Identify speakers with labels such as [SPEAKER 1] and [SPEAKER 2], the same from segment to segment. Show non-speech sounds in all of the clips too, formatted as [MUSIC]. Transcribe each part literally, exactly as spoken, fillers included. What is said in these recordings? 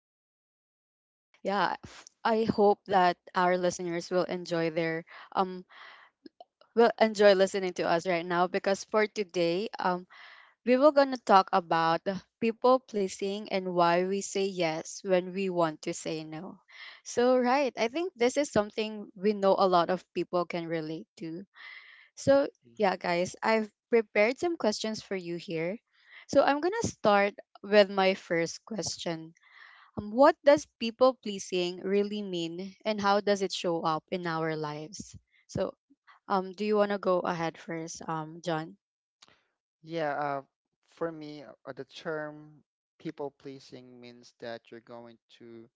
[SPEAKER 1] Yes.
[SPEAKER 2] Yes. Yeah. f- I hope that our listeners will enjoy their um will enjoy listening to us right now because for today um we were going to talk about people pleasing and why we say yes when we want to say no. So, right, I think this is something we know a lot of people can relate to. So,
[SPEAKER 1] Mhm.
[SPEAKER 2] yeah, guys, I've prepared some questions for you here. So, I'm going to start with my first question. Um, what does people pleasing really mean and how does it show up in our lives? So, um, do you want to go ahead first, um, John?
[SPEAKER 1] Yeah. Uh, for me, uh, the term people pleasing means that you're going to,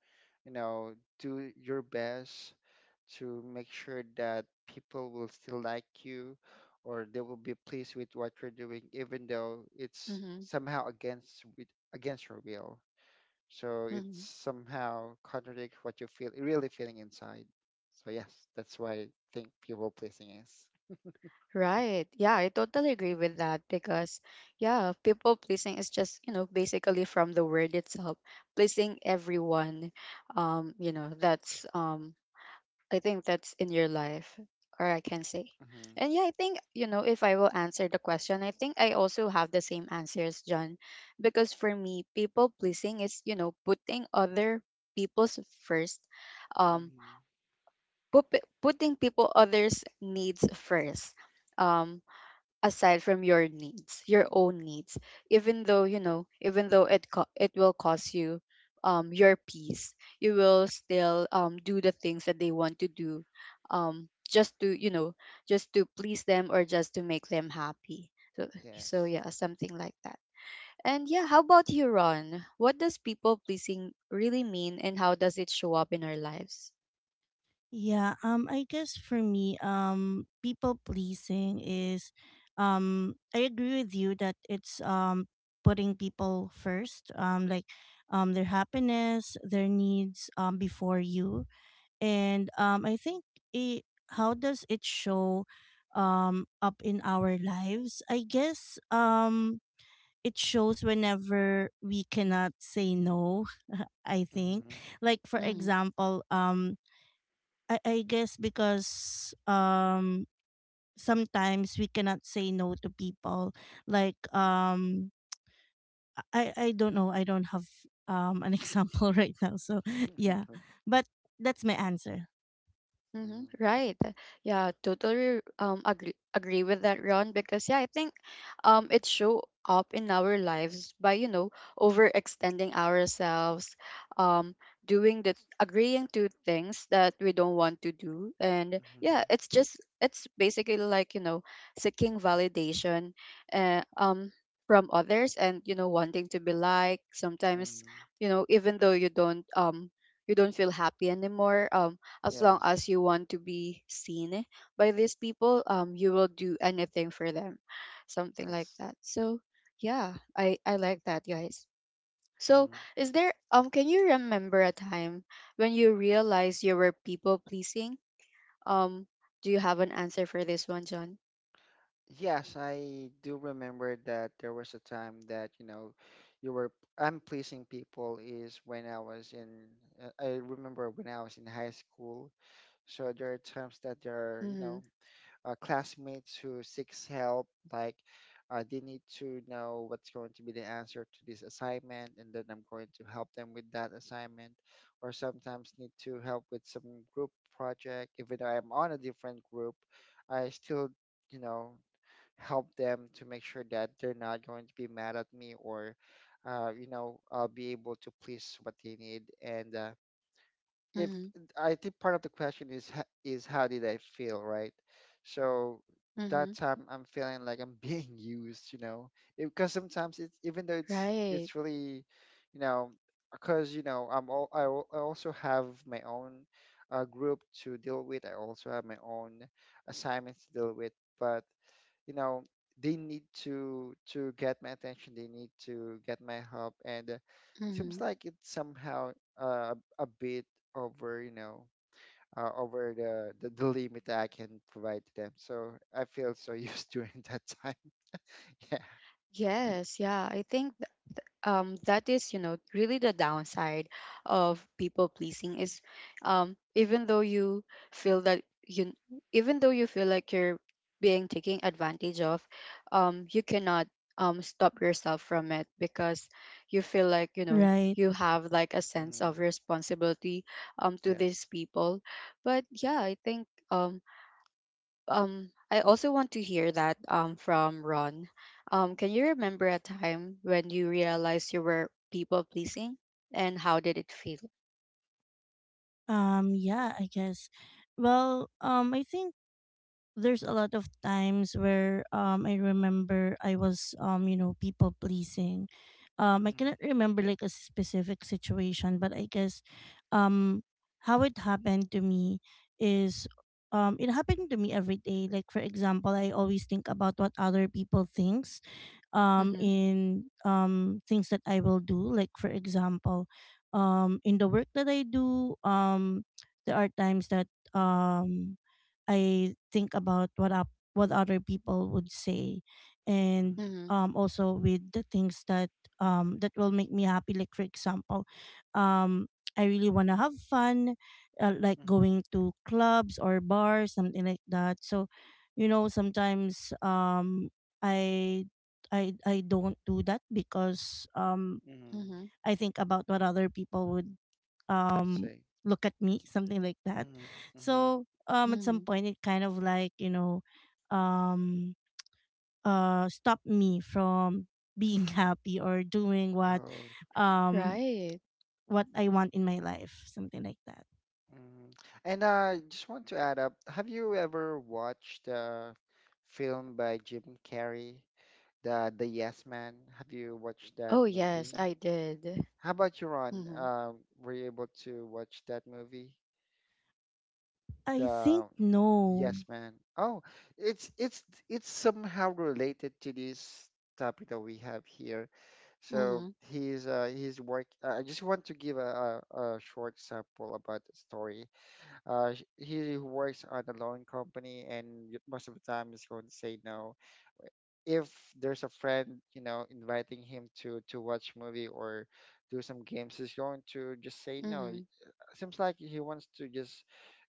[SPEAKER 1] you know, do your best to make sure that people will still like you, or they will be pleased with what you're doing, even though it's
[SPEAKER 2] Mm-hmm.
[SPEAKER 1] somehow against with against your will. So it's
[SPEAKER 2] Mm-hmm.
[SPEAKER 1] somehow contradict what you feel really feeling inside. So yes, that's why I think people pleasing is.
[SPEAKER 2] Right. Yeah, I totally agree with that because, yeah, people pleasing is just, you know, basically from the word itself, pleasing everyone. Um, you know, that's um I think that's in your life, or I can say.
[SPEAKER 1] Hmm.
[SPEAKER 2] And yeah, I think, you know, if I will answer the question, I think I also have the same answers, John, because for me, people pleasing is, you know, putting other people's first, um,
[SPEAKER 1] Hmm.
[SPEAKER 2] put, putting people others' needs first. Um, Aside from your needs, your own needs, even though you know, even though it co- it will cost you um your peace, you will still um do the things that they want to do, um just to you know just to please them or just to make them happy. So so
[SPEAKER 1] Yes.
[SPEAKER 2] yeah, something like that. And yeah, how about you, Ron? What does people pleasing really mean, and how does it show up in our lives?
[SPEAKER 3] Yeah, um I guess for me, um people pleasing is um I agree with you that it's um putting people first, um like um their happiness, their needs um before you. And um I think it how does it show um up in our lives? I guess um it shows whenever we cannot say no [LAUGHS] i think
[SPEAKER 1] Hmm.
[SPEAKER 3] Like for
[SPEAKER 2] Mm-hmm.
[SPEAKER 3] example, um i, I guess because um sometimes we cannot say no to people like um i i don't know, I don't have um an [LAUGHS] example right now, so
[SPEAKER 1] [LAUGHS]
[SPEAKER 3] yeah,
[SPEAKER 1] Hmm.
[SPEAKER 3] but that's my answer.
[SPEAKER 1] Hmm.
[SPEAKER 2] Mm-hmm. Right. Yeah, totally um agree agree with that, Ron, because yeah, I think um it show up in our lives by, you know, overextending ourselves, um, doing the agreeing to things that we don't want to do. And
[SPEAKER 1] Hmm.
[SPEAKER 2] yeah, it's just it's basically like, you know, seeking validation uh, um from others and, you know, wanting to be liked. Sometimes, you
[SPEAKER 1] [LAUGHS]
[SPEAKER 2] know, even though you don't um you don't feel happy anymore. Um as long
[SPEAKER 1] Yes.
[SPEAKER 2] as you want to be seen by these people um you will do anything for them, something like
[SPEAKER 1] Yes.
[SPEAKER 2] that. So yeah, i i like that, guys. So
[SPEAKER 1] Hmm.
[SPEAKER 2] is there, um, can you remember a time when you realized you were people pleasing, um, do you have an answer for this one, John?
[SPEAKER 1] Yes, I do remember that there was a time that, you know, you were I'm pleasing people is when I was in uh, I remember when I was in high school. So there are times that there are, you
[SPEAKER 2] Mm-hmm.
[SPEAKER 1] know, uh, classmates who seeks help, like uh, they need to know what's going to be the answer to this assignment, and then I'm going to help them with that assignment. Or sometimes need to help with some group project even though I'm on a different group, I still you know help them to make sure that they're not going to be mad at me, or uh, you know I'll be able to please what they need. And uh, if
[SPEAKER 2] Mm-hmm.
[SPEAKER 1] I think part of the question is h- is how did I feel, right? So that
[SPEAKER 2] Mm-hmm.
[SPEAKER 1] time I'm feeling like I'm [LAUGHS] being used, you know, because sometimes it's even though it's
[SPEAKER 2] Right.
[SPEAKER 1] it's really, you know, because you know I'm all I, al- I also have my own uh, group to deal with. I also have my own assignments to deal with, but you know they need to to get my attention. They need to get my help. And uh, seems
[SPEAKER 2] Mm-hmm.
[SPEAKER 1] like it's somehow uh, a bit over you know uh, over the, the the limit that I can provide to them, so I feel so used [LAUGHS] during that time. [LAUGHS] Yeah.
[SPEAKER 2] Yes. Yeah, I think, um, that is you know really the downside of people pleasing is, um, even though you feel that you even though you feel like you're being taken advantage of, um, you cannot, um, stop yourself from it because you feel like you know
[SPEAKER 3] Right.
[SPEAKER 2] you have like a sense
[SPEAKER 1] Mm,
[SPEAKER 2] of responsibility, um, to these
[SPEAKER 1] yes.
[SPEAKER 2] people. But yeah, I think, um, um I also want to hear that um from Ron. Um, can you remember a time when you realized you were people pleasing and how did it feel?
[SPEAKER 3] Um yeah, I guess, well, um I think there's a lot of times where um I remember I was um you know, people pleasing. Um I
[SPEAKER 1] Mm,
[SPEAKER 3] cannot remember like a specific situation, but I guess um how it happened to me is um it happened to me every day. Like for example, I always think about what other people think um
[SPEAKER 2] Mhm.
[SPEAKER 3] in um things that I will do, like for example um in the work that I do, um there are times that um I think about what up what other people would say, and
[SPEAKER 1] mm-hmm,
[SPEAKER 2] Mhm.
[SPEAKER 3] um also with the things that um that will make me happy, like for example, um I really want to have fun, uh, like
[SPEAKER 1] mm-hmm,
[SPEAKER 3] going to clubs or bars, something like that. So you know, sometimes um I I I don't do that because um
[SPEAKER 1] mm-hmm.
[SPEAKER 2] Mhm.
[SPEAKER 3] I think about what other people would um
[SPEAKER 1] See.
[SPEAKER 3] look at me, something like that.
[SPEAKER 1] Mm-hmm, mm-hmm.
[SPEAKER 3] So um at some
[SPEAKER 2] Mhm.
[SPEAKER 3] point it kind of like, you know, um uh stopped me from being [LAUGHS] happy or doing what
[SPEAKER 1] Oh.
[SPEAKER 3] um
[SPEAKER 2] Right.
[SPEAKER 3] what I want in my life, something like that.
[SPEAKER 1] Mm. And I uh, just want to add up, have you ever watched a film by Jim Carrey? The The Yes Man. Have you watched that
[SPEAKER 2] Oh yes,
[SPEAKER 1] movie?
[SPEAKER 2] I did.
[SPEAKER 1] How about you, Ron?
[SPEAKER 2] Mhm.
[SPEAKER 1] Um, were you able to watch that movie?
[SPEAKER 3] I think
[SPEAKER 1] The
[SPEAKER 3] no,
[SPEAKER 1] Yes Man. Oh, it's it's it's somehow related to this topic that we have here. So
[SPEAKER 2] Mhm.
[SPEAKER 1] he's uh, he's work. Uh, I just want to give a, a, a short sample about the story. Uh, sh- he works on a loan company, and y- most of the time he's going to say no, if there's a friend, you know, inviting him to to watch movie or do some games, he's going to just say no. Y-
[SPEAKER 2] Mhm.
[SPEAKER 1] Seems like he wants to just,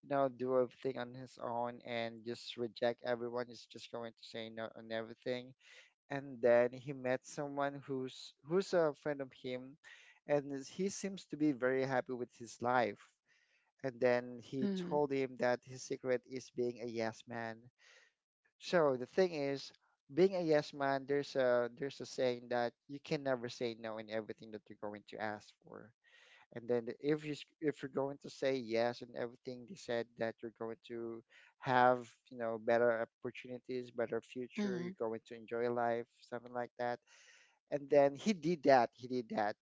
[SPEAKER 1] you know, do everything on his own and just reject everyone. He's just going to say no on everything. And then he met someone who's who's a friend of him, and is- he seems to be very happy with his life. And then he
[SPEAKER 2] Mhm.
[SPEAKER 1] told him that his secret is being a yes man. So the thing is, being a yes man, there's a there's a saying that you can never say no in everything that you're going to ask for. And then the- if you s- if you're going to say yes in everything, they said that you're going to have, you know, better opportunities, better future, you're
[SPEAKER 2] Mhm.
[SPEAKER 1] going to enjoy life, something like that. And then he did that. He did that,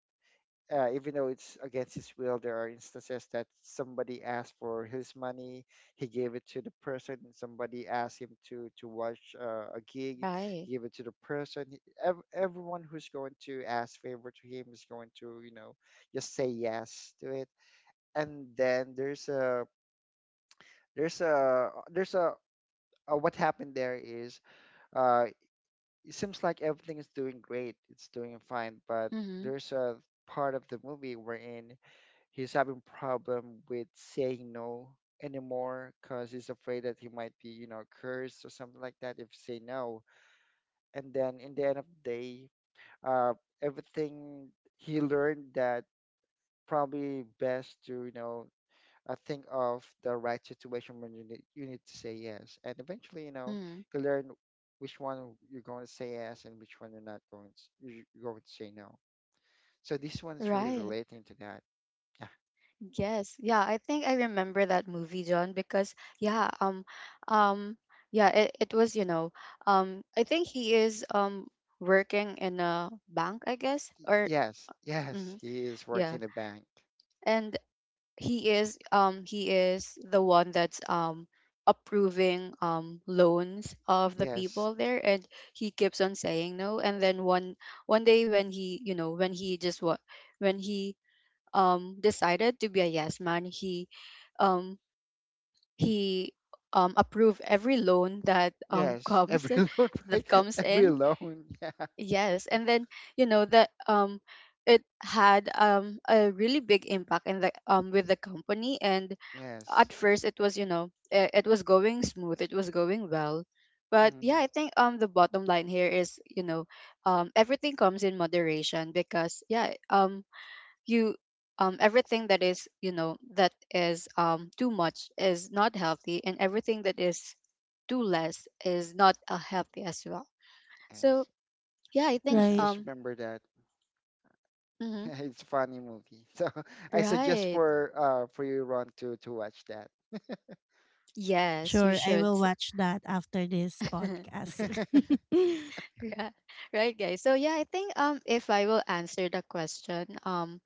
[SPEAKER 1] uh, even though it's against his will. There are instances that somebody asked for his money, he gave it to the person. Somebody asked him to to watch uh, a gig,
[SPEAKER 2] Right.
[SPEAKER 1] he gave it to the person. He- ev- everyone who's going to ask favor to him is going to, you know, just say yes to it. And then there's a there's a there's a, uh what happened there is uh, it seems like everything is doing great, it's doing fine, but
[SPEAKER 2] Mm-hmm.
[SPEAKER 1] there's a part of the movie wherein He's having problem with saying no anymore, because he's afraid that he might be, you know, cursed or something like that if say no. And then in the end of the day, uh, everything he learned that probably best to, you know, uh, think of the right situation when you need, you need to say yes. And eventually, you know,
[SPEAKER 2] Mm.
[SPEAKER 1] he learned which one you're going to say yes and which one you're not going to, you're going to say no. So this one is really
[SPEAKER 2] Right.
[SPEAKER 1] relating to that.
[SPEAKER 2] Yes. Yeah, I think I remember that movie, John, because yeah, um um yeah, it, it was, you know, um I think he is um working in a bank, I guess, or
[SPEAKER 1] Yes, yes,
[SPEAKER 2] mhm,
[SPEAKER 1] he is
[SPEAKER 2] yeah.
[SPEAKER 1] working in a bank.
[SPEAKER 2] And he is um he is the one that's um approving um loans of the
[SPEAKER 1] Yes,
[SPEAKER 2] people there, and he keeps on saying no, and then one one day when he you know when he just what when he um decided to be a yes man, he um he um approve every loan that um [LAUGHS]
[SPEAKER 1] yes,
[SPEAKER 2] comes
[SPEAKER 1] every [LAUGHS] loan, right?
[SPEAKER 2] that comes
[SPEAKER 1] Every
[SPEAKER 2] in.
[SPEAKER 1] loan, [LAUGHS] yeah.
[SPEAKER 2] Yes, and then you know that um it had um a really big impact in the um with the company. And at
[SPEAKER 1] Yes,
[SPEAKER 2] first it was you know it, it was going smooth, it was going well, but yeah
[SPEAKER 1] mm,
[SPEAKER 2] I think um the bottom line here is you know um everything comes in moderation, because yeah um you um, everything that is you know that is um, too much is not healthy, and everything that is too less is not uh, healthy as well. So
[SPEAKER 1] yes.
[SPEAKER 2] yeah I
[SPEAKER 1] I
[SPEAKER 2] think
[SPEAKER 1] just
[SPEAKER 3] right?
[SPEAKER 1] just
[SPEAKER 2] um
[SPEAKER 1] remember that. [LAUGHS]
[SPEAKER 2] mhm,
[SPEAKER 1] It's a funny movie. So [LAUGHS] I suggest
[SPEAKER 2] right,
[SPEAKER 1] for uh for you, Ron, to to watch that.
[SPEAKER 2] yes you
[SPEAKER 3] Sure, I
[SPEAKER 2] should.
[SPEAKER 3] will watch that after this
[SPEAKER 2] [LAUGHS]
[SPEAKER 3] podcast.
[SPEAKER 1] [LAUGHS]
[SPEAKER 2] Right, right guys, so yeah I think um if I will answer the question, um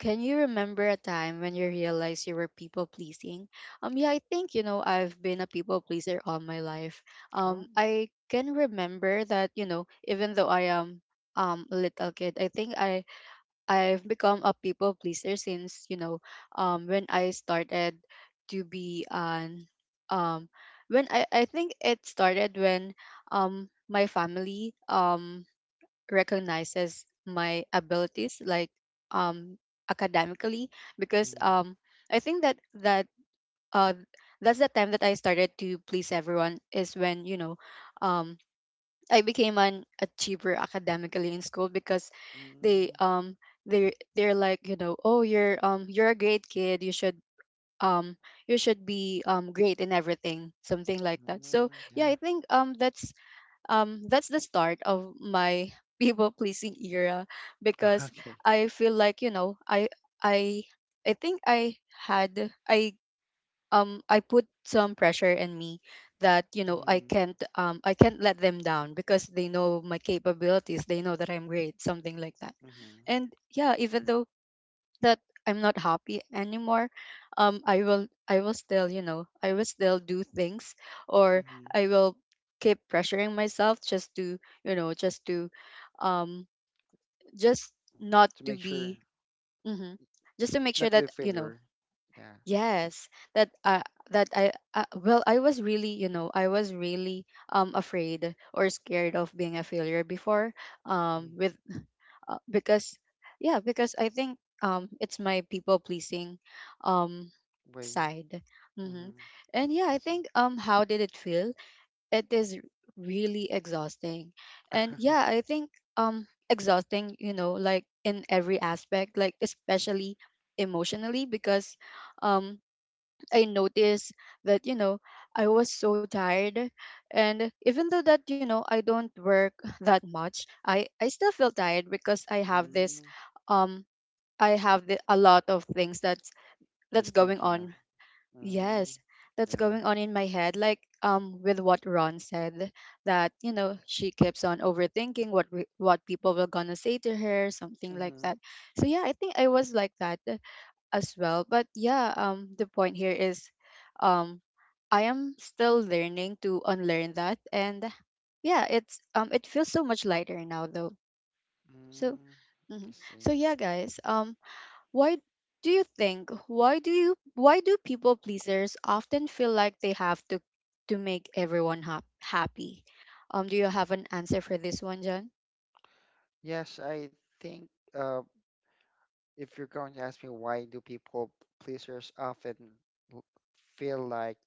[SPEAKER 2] can you remember a time when you realized you were people pleasing? Um, yeah, I think you know I've been a people pleaser all my life.
[SPEAKER 1] Oh,
[SPEAKER 2] Um, I can remember that you know even though I am um a little kid, I think I I've become a people pleaser since you know um when I started to be an um when I I think it started when um my family um recognizes my abilities like um academically. Because
[SPEAKER 1] mm,
[SPEAKER 2] um I think that that uh that's the time that I started to please everyone, is when you know um I became an achiever academically in school, because they
[SPEAKER 1] mm,
[SPEAKER 2] um they they're like you know, oh, you're um you're a great kid, you should um you should be um great in everything, something like that. So
[SPEAKER 1] mm,
[SPEAKER 2] yeah
[SPEAKER 1] yeah.
[SPEAKER 2] I think um that's um that's the start of my [LAUGHS] people pleasing era.
[SPEAKER 1] [LAUGHS]
[SPEAKER 2] Because
[SPEAKER 1] Okay.
[SPEAKER 2] I feel like you know I I I think I had I um I put some pressure in me that you know I
[SPEAKER 1] Mm,
[SPEAKER 2] can't um I can't let them down, because they know my capabilities, they know that I'm great, something like that.
[SPEAKER 1] mm-hmm,
[SPEAKER 2] And yeah, even though that I'm not happy anymore, um, I will I will still you know I will still do things, or
[SPEAKER 1] mm-hmm.
[SPEAKER 2] I will keep pressuring myself just to you know just to, um, just not
[SPEAKER 1] To make
[SPEAKER 2] to
[SPEAKER 1] sure
[SPEAKER 2] be hmm just to make sure
[SPEAKER 1] not to be a
[SPEAKER 2] that you know
[SPEAKER 1] failure. Yeah.
[SPEAKER 2] yes that uh, that I uh, well I was really you know I was really um afraid or scared of being a failure before um
[SPEAKER 1] Mm,
[SPEAKER 2] with uh, because yeah because I think um it's my people pleasing um
[SPEAKER 1] way.
[SPEAKER 2] side hmm.
[SPEAKER 1] Mm-hmm.
[SPEAKER 2] And yeah I
[SPEAKER 1] See.
[SPEAKER 2] think um how did it feel, it is really exhausting. And
[SPEAKER 1] [LAUGHS]
[SPEAKER 2] yeah I think um exhausting you know like in every aspect, like especially emotionally, because um I noticed that, you know, I was so tired. And even though that, you know, I don't work [LAUGHS] that much, I, I still feel tired because I have this,
[SPEAKER 1] Mm,
[SPEAKER 2] um, I have the, a lot of things that's,
[SPEAKER 1] you're
[SPEAKER 2] that's going
[SPEAKER 1] thinking of.
[SPEAKER 2] on.
[SPEAKER 1] Mm,
[SPEAKER 2] Yes, that's
[SPEAKER 1] yeah.
[SPEAKER 2] going on in my head. Like, um, with what Ron said, that, you know, she keeps on overthinking what, we, what people were gonna say to her, something like
[SPEAKER 1] Mm-hmm.
[SPEAKER 2] that. So yeah, I think I was like that as well. But yeah, um, the point here is, um, I am still learning to unlearn that, and yeah, it's um, it feels so much lighter now though. So,
[SPEAKER 1] Mm, I
[SPEAKER 2] mhm.
[SPEAKER 1] see.
[SPEAKER 2] So yeah, guys, um, why do you think why do you why do people pleasers often feel like they have to to make everyone hap happy? Um, do you have an answer for this one, John?
[SPEAKER 1] Yes, I think, uh, if you're going to ask me why do people pleasers often l- feel like,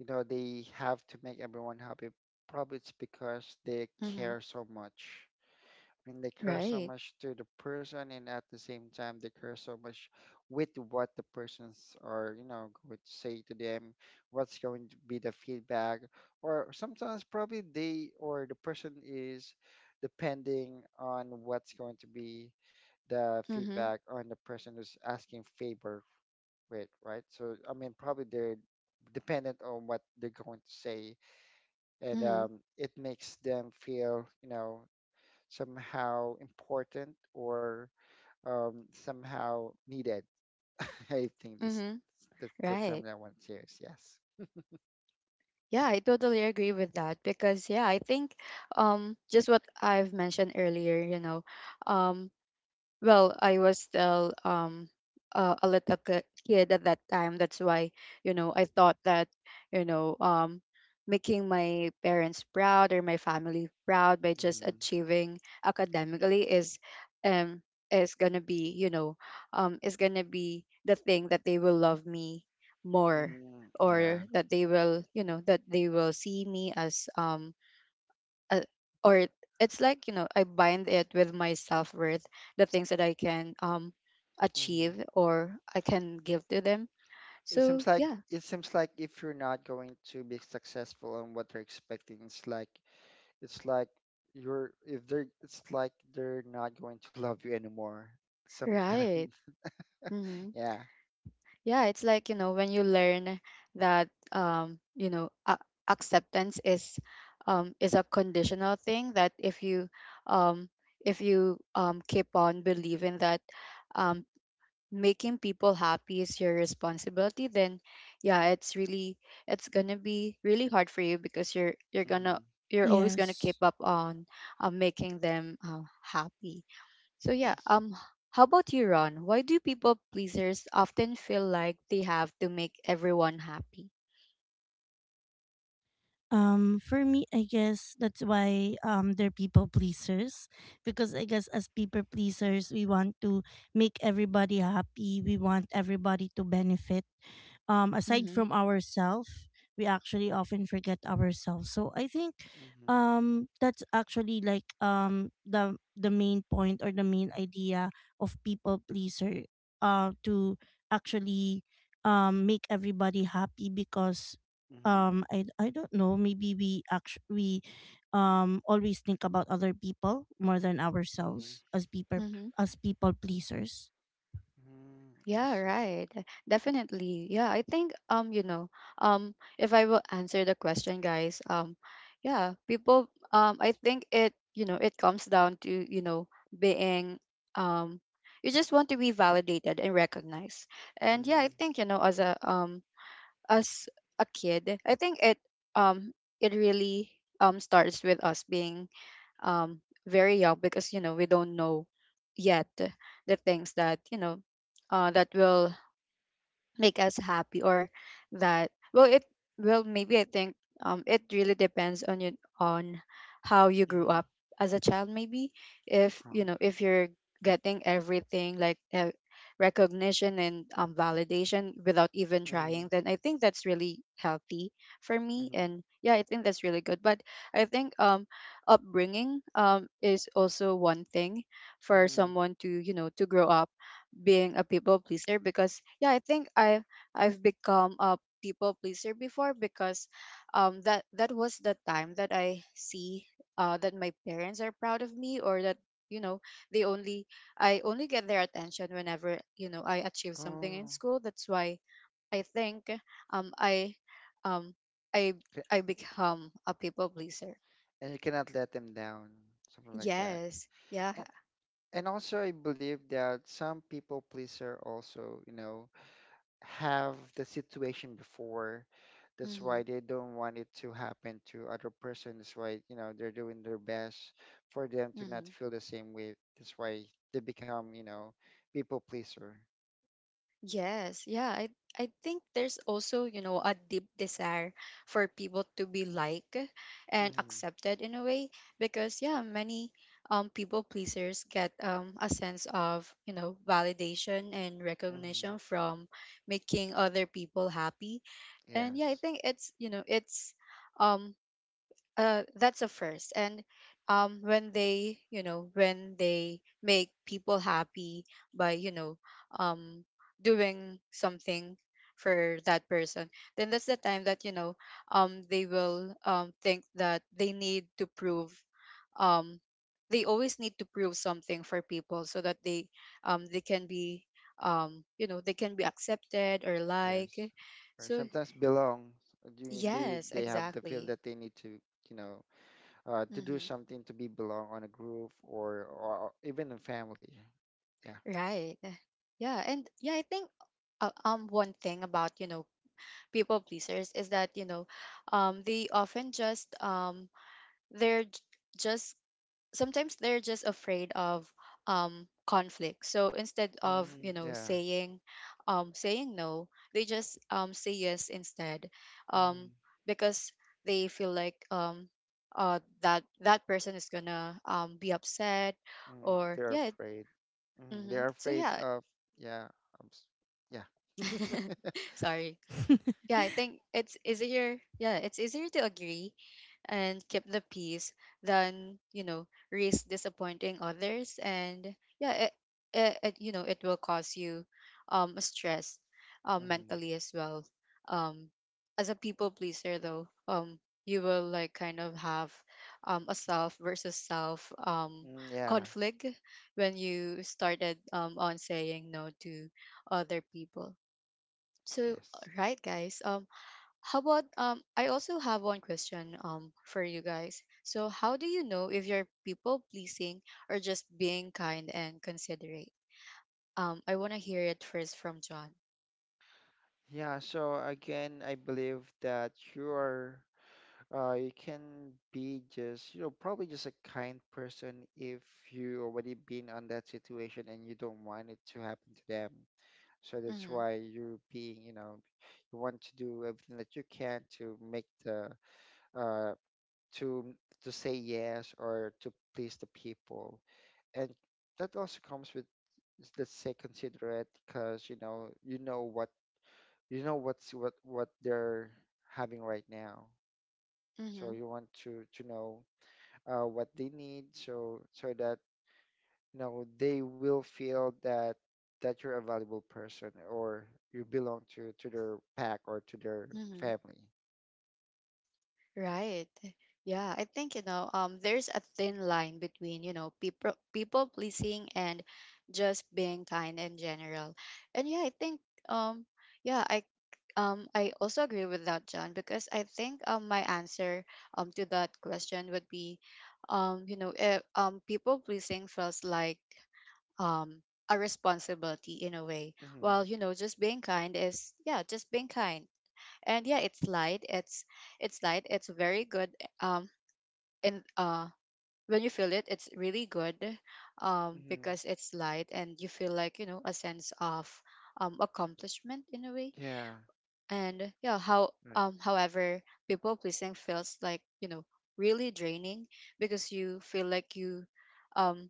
[SPEAKER 1] you know, they have to make everyone happy, probably it's because they
[SPEAKER 2] Mm-hmm.
[SPEAKER 1] care so much. And they care so
[SPEAKER 2] Right.
[SPEAKER 1] much to the person, and at the same time they care so much with what the persons are you know going to say to them, what's going to be the feedback. Or sometimes, probably they or the person is depending on what's going to be the
[SPEAKER 2] Mm-hmm.
[SPEAKER 1] feedback on the person who's asking favor with, right, so I mean probably they're dependent on what they're going to say. And
[SPEAKER 2] Mm-hmm.
[SPEAKER 1] um, it makes them feel you know somehow important, or um, somehow needed. [LAUGHS] I think this,
[SPEAKER 2] Mm-hmm.
[SPEAKER 1] that's the term
[SPEAKER 2] Right.
[SPEAKER 1] that I want to use. Yes.
[SPEAKER 2] Yeah, I totally agree with that because yeah, I think um just what I've mentioned earlier, you know, um well, I was still um uh, a little ki- kid at that time. That's why, you know, I thought that, you know, um making my parents proud or my family proud by just
[SPEAKER 1] Hmm.
[SPEAKER 2] achieving academically is um is gonna be, you know, um is gonna be the thing that they will love me more,
[SPEAKER 1] Mm. Yeah.
[SPEAKER 2] or that they will, you know, that they will see me as um uh, or it's like you know I bind it with my self-worth, the things that I can um
[SPEAKER 1] Hmm.
[SPEAKER 2] achieve or I can give to them,
[SPEAKER 1] It
[SPEAKER 2] so
[SPEAKER 1] seems like
[SPEAKER 2] yeah
[SPEAKER 1] it seems like if you're not going to be successful in what they're expecting, it's like it's like you're if they're it's like they're not going to love you anymore. Some kind of
[SPEAKER 2] right
[SPEAKER 1] [LAUGHS]
[SPEAKER 2] hmm.
[SPEAKER 1] yeah.
[SPEAKER 2] Yeah, it's like you know when you learn that um you know a- acceptance is um is a conditional thing, that if you um if you um keep on believing that um making people happy is your responsibility, then yeah it's really it's gonna be really hard for you, because you're you're gonna
[SPEAKER 1] Hmm.
[SPEAKER 3] [LAUGHS]
[SPEAKER 2] you're always gonna keep
[SPEAKER 3] Yes.
[SPEAKER 2] up on uh, making them uh, happy. So yeah
[SPEAKER 1] Yes.
[SPEAKER 2] um h- how about you, Ron, why do people pleasers often feel like they have to make everyone happy?
[SPEAKER 3] Um, for me, I guess that's why um they're people pleasers, because I guess as people pleasers, we want to make everybody happy. We want everybody to benefit. Um, aside
[SPEAKER 2] Mm-hmm,
[SPEAKER 3] from ourselves, we actually often forget ourselves. So I think
[SPEAKER 1] Hmm.
[SPEAKER 3] um that's actually like um the the main point or the main idea of people pleaser, uh, to actually um make everybody happy because
[SPEAKER 1] Hmm.
[SPEAKER 3] um I I don't know, maybe we actually we um always think about other people more than
[SPEAKER 1] Hmm.
[SPEAKER 3] ourselves, as people
[SPEAKER 2] mm-hmm.
[SPEAKER 3] as people pleasers.
[SPEAKER 1] Mm, I
[SPEAKER 2] Yeah,
[SPEAKER 1] see.
[SPEAKER 2] right. Definitely. Yeah, I think um, you know, um if I will answer the question, guys, um yeah, people um I think it, you know, it comes down to, you know, being um you just want to be validated and recognized. And yeah,
[SPEAKER 1] Mm-hmm.
[SPEAKER 2] I think, you know, as a um as a kid, I think it um it really um starts with us being um very young because, you know, we don't know yet the things that, you know, uh, that will make us happy. Or that well it well maybe I think um It really depends on you, on how you grew up as a child. Maybe if, you
[SPEAKER 1] Proud.
[SPEAKER 2] know, if you're getting everything, like uh, recognition and um, validation without even
[SPEAKER 1] Mm,
[SPEAKER 2] trying, then I think that's really healthy for me,
[SPEAKER 1] mm,
[SPEAKER 2] and yeah, I think that's really good. But I think um upbringing um is also one thing for
[SPEAKER 1] mm.
[SPEAKER 2] someone to, you know, to grow up being a people pleaser. Because yeah, I think i i've become a people pleaser before because um that that was the time that I see uh that my parents are proud of me, or that, you know, they only I only get their attention whenever, you know, I achieve something in
[SPEAKER 1] Oh,
[SPEAKER 2] school. That's why I think um i um i
[SPEAKER 1] ca-
[SPEAKER 2] I
[SPEAKER 1] it-
[SPEAKER 2] become a people pleaser.
[SPEAKER 1] and you cannot let them down, something like that.
[SPEAKER 2] Yes, yeah.
[SPEAKER 1] And and also, I believe that some people pleaser also, you know, have the situation before. That's
[SPEAKER 2] Mm-hmm.
[SPEAKER 1] why they don't want it to happen to other person. That's why, you know, they're doing their best for them to not feel the same way. That's why they become, you know, people pleaser.
[SPEAKER 2] Yes, yeah, I I think there's also, you know, a deep desire for people to be liked and
[SPEAKER 1] Mm-hmm.
[SPEAKER 2] accepted in a way. Because yeah, many um people pleasers get um a sense of, you know, validation and
[SPEAKER 1] Mm-hmm.
[SPEAKER 2] recognition from making other people happy. And yeah, I
[SPEAKER 1] Yes.
[SPEAKER 2] think it's, you know, it's um uh, that's a first. And um, when they, you know, when they make people happy by, you know, um, doing something for that person, then that's the time that, you know, um, they will um, think that they need to prove um, they always need to prove something for people, so that they um, they can be um, you know, they can be accepted or like
[SPEAKER 1] Yes. Or
[SPEAKER 2] so
[SPEAKER 1] sometimes belong. You, they
[SPEAKER 2] yes,
[SPEAKER 1] they have the feeling
[SPEAKER 2] exactly.
[SPEAKER 1] that they need to, you know, uh, to do
[SPEAKER 2] Mm-hmm.
[SPEAKER 1] something to be belong on a group or or even a family. Yeah.
[SPEAKER 2] Right. Eh, Yeah, and yeah, I think uh, um one thing about, you know, people pleasers is that, you know, um they often just um they're j- just sometimes they're just afraid of um conflict. So instead of, you
[SPEAKER 1] Mm,
[SPEAKER 2] know,
[SPEAKER 1] yeah.
[SPEAKER 2] saying um saying no, they just um say yes instead. Um
[SPEAKER 1] Mm,
[SPEAKER 2] because they feel like um uh that that person is gonna um be upset
[SPEAKER 1] mm,
[SPEAKER 2] or
[SPEAKER 1] they're
[SPEAKER 2] yeah,
[SPEAKER 1] afraid. Mm,
[SPEAKER 2] mm-hmm.
[SPEAKER 1] they're
[SPEAKER 2] So
[SPEAKER 1] afraid
[SPEAKER 2] yeah,
[SPEAKER 1] of. Yeah. Of, s- yeah.
[SPEAKER 2] [LAUGHS]
[SPEAKER 1] [LAUGHS]
[SPEAKER 2] sorry. Yeah, I
[SPEAKER 3] [LAUGHS]
[SPEAKER 2] think it's easier. Yeah, it's easier to agree and keep the peace than, you know, risk disappointing others. And yeah, it, it, it you know, it will cause you um stress um
[SPEAKER 1] Mm,
[SPEAKER 2] mentally as well. Um as a people pleaser though, um you will like kind of have um a self versus self um
[SPEAKER 1] mm, yeah.
[SPEAKER 2] conflict when you started um on saying no to other people. So, uh,
[SPEAKER 1] Yes.
[SPEAKER 2] right, guys. Um, how about um? I also have one question um for you guys. So, how do you know if you're people pleasing or just being kind and considerate? Um, I want to hear it first from John.
[SPEAKER 1] Yeah. So again, I believe that you are Uh, you can be just, you know, probably just a kind person if you already been on that situation and you don't want it to happen to them. So that's
[SPEAKER 2] Mm-hmm.
[SPEAKER 1] why you're being, you know, you want to do everything that you can to make the uh to to say yes or to please the people. And that also comes with, let's say, considerate, because you know you know what you know what's what what they're having right now. So
[SPEAKER 2] Mm-hmm.
[SPEAKER 1] you want to to know uh, what they need, so so that you know they will feel that that you're a valuable person, or you belong to to their pack or to their
[SPEAKER 2] Mm-hmm.
[SPEAKER 1] family.
[SPEAKER 2] Right. Yeah, I think, you know, um there's a thin line between, you know, people people pleasing and just being kind in general. And yeah, I think um yeah, I um I also agree with that, John. Because I think um my answer um to that question would be um you know, eh, um people pleasing feels like um a responsibility in a way.
[SPEAKER 1] Mm-hmm.
[SPEAKER 2] While, you know, just being kind is, yeah, just being kind. And yeah, it's light, it's it's light, it's very good. Um and uh When you feel it, it's really good, um
[SPEAKER 1] Mm-hmm.
[SPEAKER 2] because it's light and you feel like, you know, a sense of um accomplishment in a way.
[SPEAKER 1] Yeah.
[SPEAKER 2] And yeah how
[SPEAKER 1] Right.
[SPEAKER 2] um however, people pleasing feels like, you know, really draining, because you feel like you um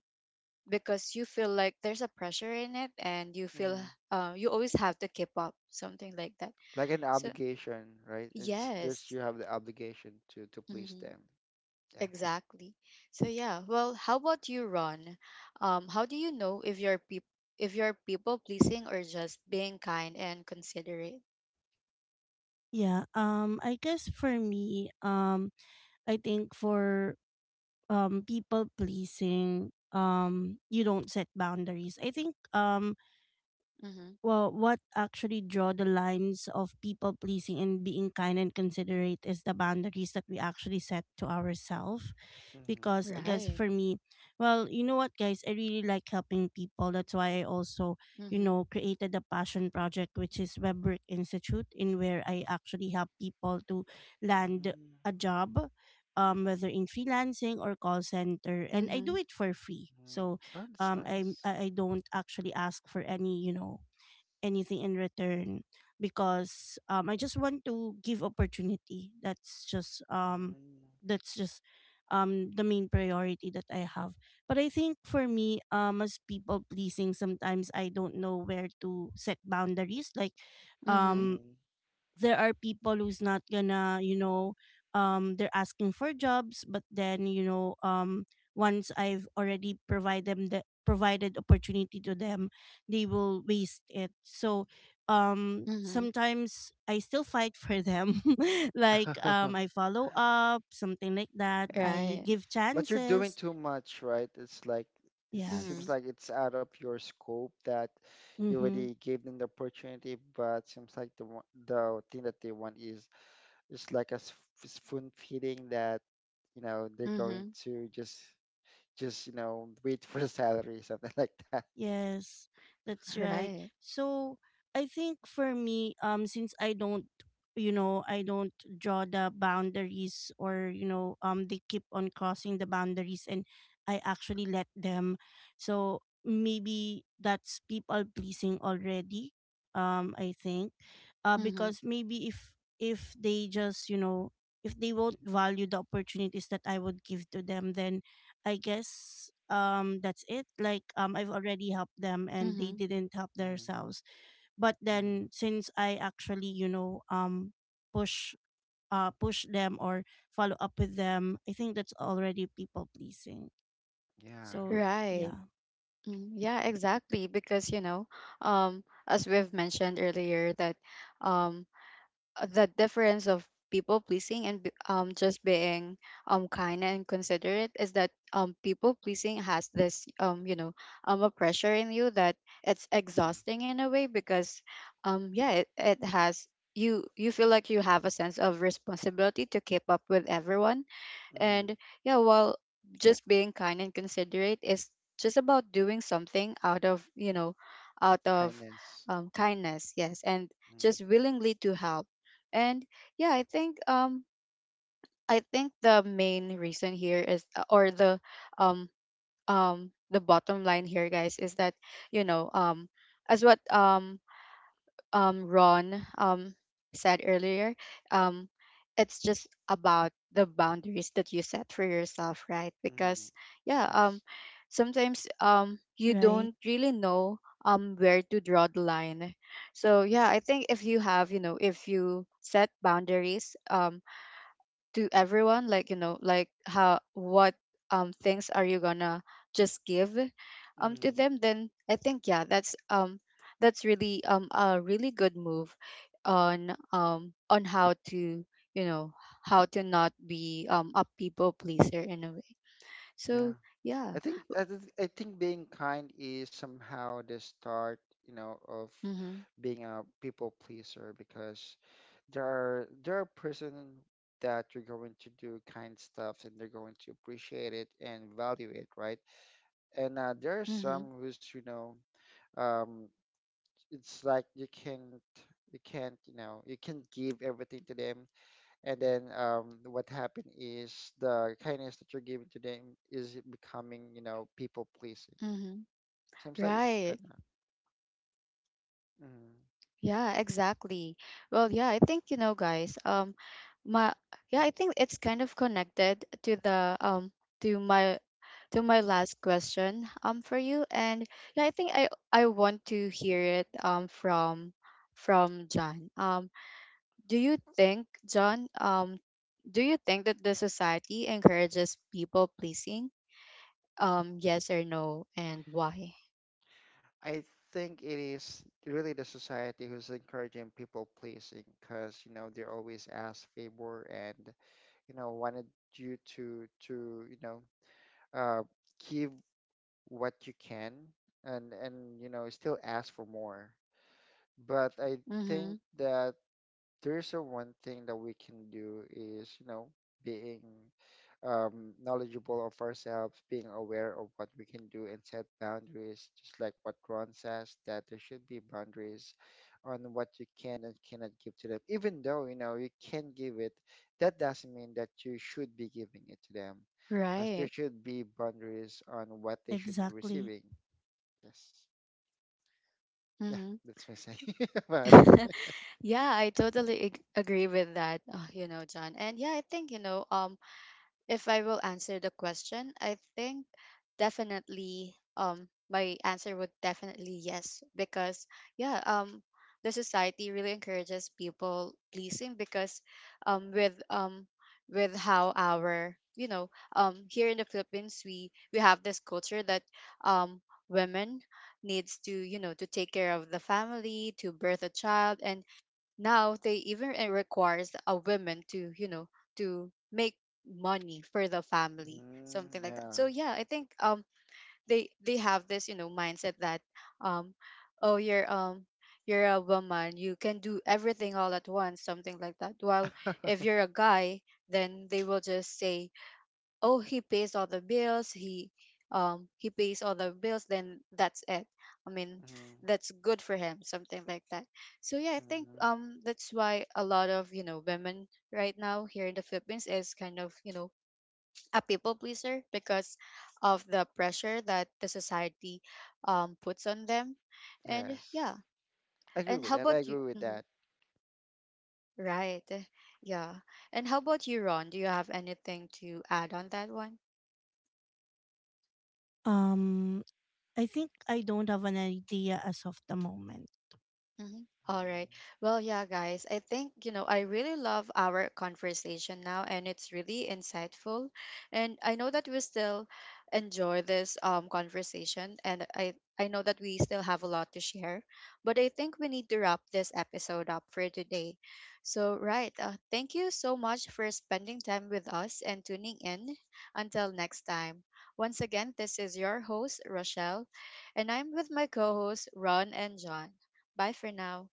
[SPEAKER 2] because you feel like there's a pressure in it, and you feel
[SPEAKER 1] Mm-hmm.
[SPEAKER 2] uh, you always have to keep up, something like that.
[SPEAKER 1] Like an
[SPEAKER 2] So
[SPEAKER 1] obligation, right? it's there's
[SPEAKER 2] yes.
[SPEAKER 1] you have the obligation to to please
[SPEAKER 2] Mm-hmm.
[SPEAKER 1] them. Yeah.
[SPEAKER 2] Exactly. So yeah, well, how about you, Ron? Um, how do you know if you're peop- if you're people pleasing or just being kind and considerate?
[SPEAKER 3] Yeah, um I guess for me, um i think for um people pleasing, um you don't set boundaries, I think. Um,
[SPEAKER 2] Mm-hmm.
[SPEAKER 3] well, what actually draw the lines of people pleasing and being kind and considerate is the boundaries that we actually set to ourselves.
[SPEAKER 1] Mm-hmm.
[SPEAKER 3] Because, guys,
[SPEAKER 2] Right.
[SPEAKER 3] for me, well, you know what, guys, I really like helping people. That's why I also, you
[SPEAKER 2] Mm-hmm.
[SPEAKER 3] know, created a passion project, which is WebWork Institute, in where I actually help people to land
[SPEAKER 1] Mm-hmm.
[SPEAKER 3] a job, um, whether in freelancing or call center, and I do
[SPEAKER 2] Mm-hmm.
[SPEAKER 3] it for free.
[SPEAKER 1] Oh,
[SPEAKER 3] So,
[SPEAKER 1] that's
[SPEAKER 3] um, I
[SPEAKER 1] nice.
[SPEAKER 3] I I don't actually ask for any, you know, anything in return, because um I just want to give opportunity. That's just um that's just um the main priority that I have. But I think for me, um, as people pleasing, sometimes I don't know where to set boundaries. Like
[SPEAKER 2] Mm-hmm.
[SPEAKER 3] um
[SPEAKER 1] Mm-hmm.
[SPEAKER 3] there are people who's not gonna, you know, um they're asking for jobs, but then you know, um once I've already provide them the provided opportunity to them, they will waste it. So um
[SPEAKER 2] Mm-hmm.
[SPEAKER 3] sometimes I still fight for them [LAUGHS] like um I follow up, something like that,
[SPEAKER 1] [LAUGHS] Mm-hmm.
[SPEAKER 3] I
[SPEAKER 2] Right.
[SPEAKER 3] give
[SPEAKER 1] But you're doing
[SPEAKER 3] chances.
[SPEAKER 1] too much, right? It's like it
[SPEAKER 2] Mm-hmm.
[SPEAKER 1] seems
[SPEAKER 3] Yes.
[SPEAKER 1] like it's out of your scope, that you
[SPEAKER 3] Mhm.
[SPEAKER 1] already gave them the opportunity, but seems like the one- the thing that they want is is like a s- spoon feeding, that you know they're going
[SPEAKER 2] Mm-hmm.
[SPEAKER 1] to just just you know wait for the salary, [LAUGHS] something like that.
[SPEAKER 3] Yes, that's right.
[SPEAKER 2] Right.
[SPEAKER 3] So I think for me, um, since I don't, you know, I don't draw the boundaries, or you know, um, they keep on crossing the boundaries, and I actually let them. So maybe that's people pleasing already. Um, I think, uh,
[SPEAKER 2] Mm-hmm.
[SPEAKER 3] because maybe if if they just you know if they won't value the opportunities that I would give to them, then I guess um that's it. Like um I've already helped them and they
[SPEAKER 2] Mm-hmm.
[SPEAKER 3] didn't help
[SPEAKER 1] Mm-hmm.
[SPEAKER 3] themselves. But then
[SPEAKER 1] Mm-hmm.
[SPEAKER 3] since I actually, you know, um push uh push them or follow up with them, I think that's already people pleasing.
[SPEAKER 1] Yeah.
[SPEAKER 3] So
[SPEAKER 2] Right.
[SPEAKER 3] yeah.
[SPEAKER 2] Mm, yeah, exactly. Because, you know, um, as we've mentioned earlier, that um, uh, the difference of people pleasing and be- um just being um kind and considerate is that um people pleasing has this um you know, um a pressure in you, that it's exhausting in a way. Because um yeah it, it has, you you feel like you have a sense of responsibility to keep up with everyone.
[SPEAKER 1] Mm-hmm.
[SPEAKER 2] And yeah, while just being kind and considerate is just about doing something out of, you know, out of
[SPEAKER 1] Kindness.
[SPEAKER 2] um, kindness, yes, and just willingly to help. And yeah, I think um I think the main reason here is uh, or the um um the bottom line here, guys, is that, you know, um as what um um, Ron um, said earlier, um, it's just about the boundaries that you set for yourself, right?
[SPEAKER 1] Mm-hmm.
[SPEAKER 2] Because yeah, um,
[SPEAKER 1] Yes.
[SPEAKER 2] sometimes um, you
[SPEAKER 3] Right.
[SPEAKER 2] don't really know um where to draw the line. So yeah, I think if you have, you know, if you set boundaries, um, to everyone, like, you know, like how what um things are you gonna just give um to
[SPEAKER 1] Mm.
[SPEAKER 2] them, then I think, yeah, that's um that's really um a really good move on um on how to, you know, how to not be um a people pleaser in a way.
[SPEAKER 1] Yeah.
[SPEAKER 2] So
[SPEAKER 1] I
[SPEAKER 2] yeah.
[SPEAKER 1] think I, th- I think being kind is somehow the start, you know, of
[SPEAKER 2] Mm-hmm.
[SPEAKER 1] being a people pleaser, because there are there are person that you're going to do kind stuff and they're going to appreciate it and value it, right? And uh, there are
[SPEAKER 2] Mm-hmm.
[SPEAKER 1] some who's, you know, um, it's like you can't you can't you know you can't give everything to them. And then um, what happened is the kindness that you're giving to them is becoming you know people pleasing.
[SPEAKER 2] Mm-hmm.
[SPEAKER 1] Seems like it's kind
[SPEAKER 2] Right.
[SPEAKER 1] of. Mm.
[SPEAKER 2] Yeah, exactly. Well, yeah, I think, you know, guys. Um, my Yeah, I think it's kind of connected to the um to my to my last question um for you. And yeah, I think I I want to hear it um from from John. Um, do you think John? Um, do you think that the society encourages people pleasing? Um, yes or no, and why?
[SPEAKER 1] I think it is really the society who's encouraging people pleasing, because, you know, they always ask favor and, you know, wanted you to, to, you know, uh, give what you can, and, and, you know, still ask for more. But I
[SPEAKER 2] Mm-hmm.
[SPEAKER 1] think that there's a one thing that we can do is, you know, being um, knowledgeable of ourselves, being aware of what we can do and set boundaries, just like what Ron says, that there should be boundaries on what you can and cannot give to them. Even though, you know, you can give it, that doesn't mean that you should be giving it to them. Because there
[SPEAKER 2] Right.
[SPEAKER 1] should be boundaries on what they should be
[SPEAKER 3] Exactly.
[SPEAKER 1] receiving. Yes. Yeah,
[SPEAKER 2] Mm-hmm.
[SPEAKER 1] that's my saying [LAUGHS] about it.
[SPEAKER 2] [LAUGHS] Yeah, I totally ag- agree with that, uh, you know, John. And yeah, I think, you know, um, if I will answer the question, I think definitely, um, my answer would definitely yes. Because yeah, um, the society really encourages people pleasing because, um, with um, with how our, you know, um, here in the Philippines, we we have this culture that, um, women needs to, you know, to take care of the family, to birth a child, and now they even, it requires a woman to, you know, to make money for the family,
[SPEAKER 1] Mm,
[SPEAKER 2] something like that.
[SPEAKER 1] yeah.
[SPEAKER 2] So yeah, I think um they they have this, you know, mindset that um oh, you're um you're a woman, you can do everything all at once, something like that. While, if
[SPEAKER 1] [LAUGHS]
[SPEAKER 2] you're a guy, then they will just say, oh, he pays all the bills, he um he pays all the bills, then that's it. I mean,
[SPEAKER 1] Mhm.
[SPEAKER 2] that's good for him, something like that. So yeah, I think
[SPEAKER 1] Mhm.
[SPEAKER 2] um that's why a lot of, you know, women right now here in the Philippines is kind of, you know, a people pleaser, because of the pressure that the society um puts on them. And
[SPEAKER 1] Yes,
[SPEAKER 2] yeah.
[SPEAKER 1] I agree
[SPEAKER 2] and
[SPEAKER 1] with
[SPEAKER 2] how
[SPEAKER 1] that. I
[SPEAKER 2] about you
[SPEAKER 1] agree with
[SPEAKER 2] Mhm.
[SPEAKER 1] that.
[SPEAKER 2] Right. Yeah, and how about you, Ron, do you have anything to add on that one?
[SPEAKER 3] Um, I think I don't have an idea as of the moment.
[SPEAKER 2] Mhm. All
[SPEAKER 1] Mm.
[SPEAKER 2] right. Well, yeah, guys, I think, you know, I really love our conversation now, and it's really insightful. And I know that we still enjoy this um, conversation, and I, I know that we still have a lot to share, but I think we need to wrap this episode up for today. So, right. Uh, thank you so much for spending time with us and tuning in. Until next time. Once again, this is your host, Rochelle, and I'm with my co hosts, Ron and John. Bye for now.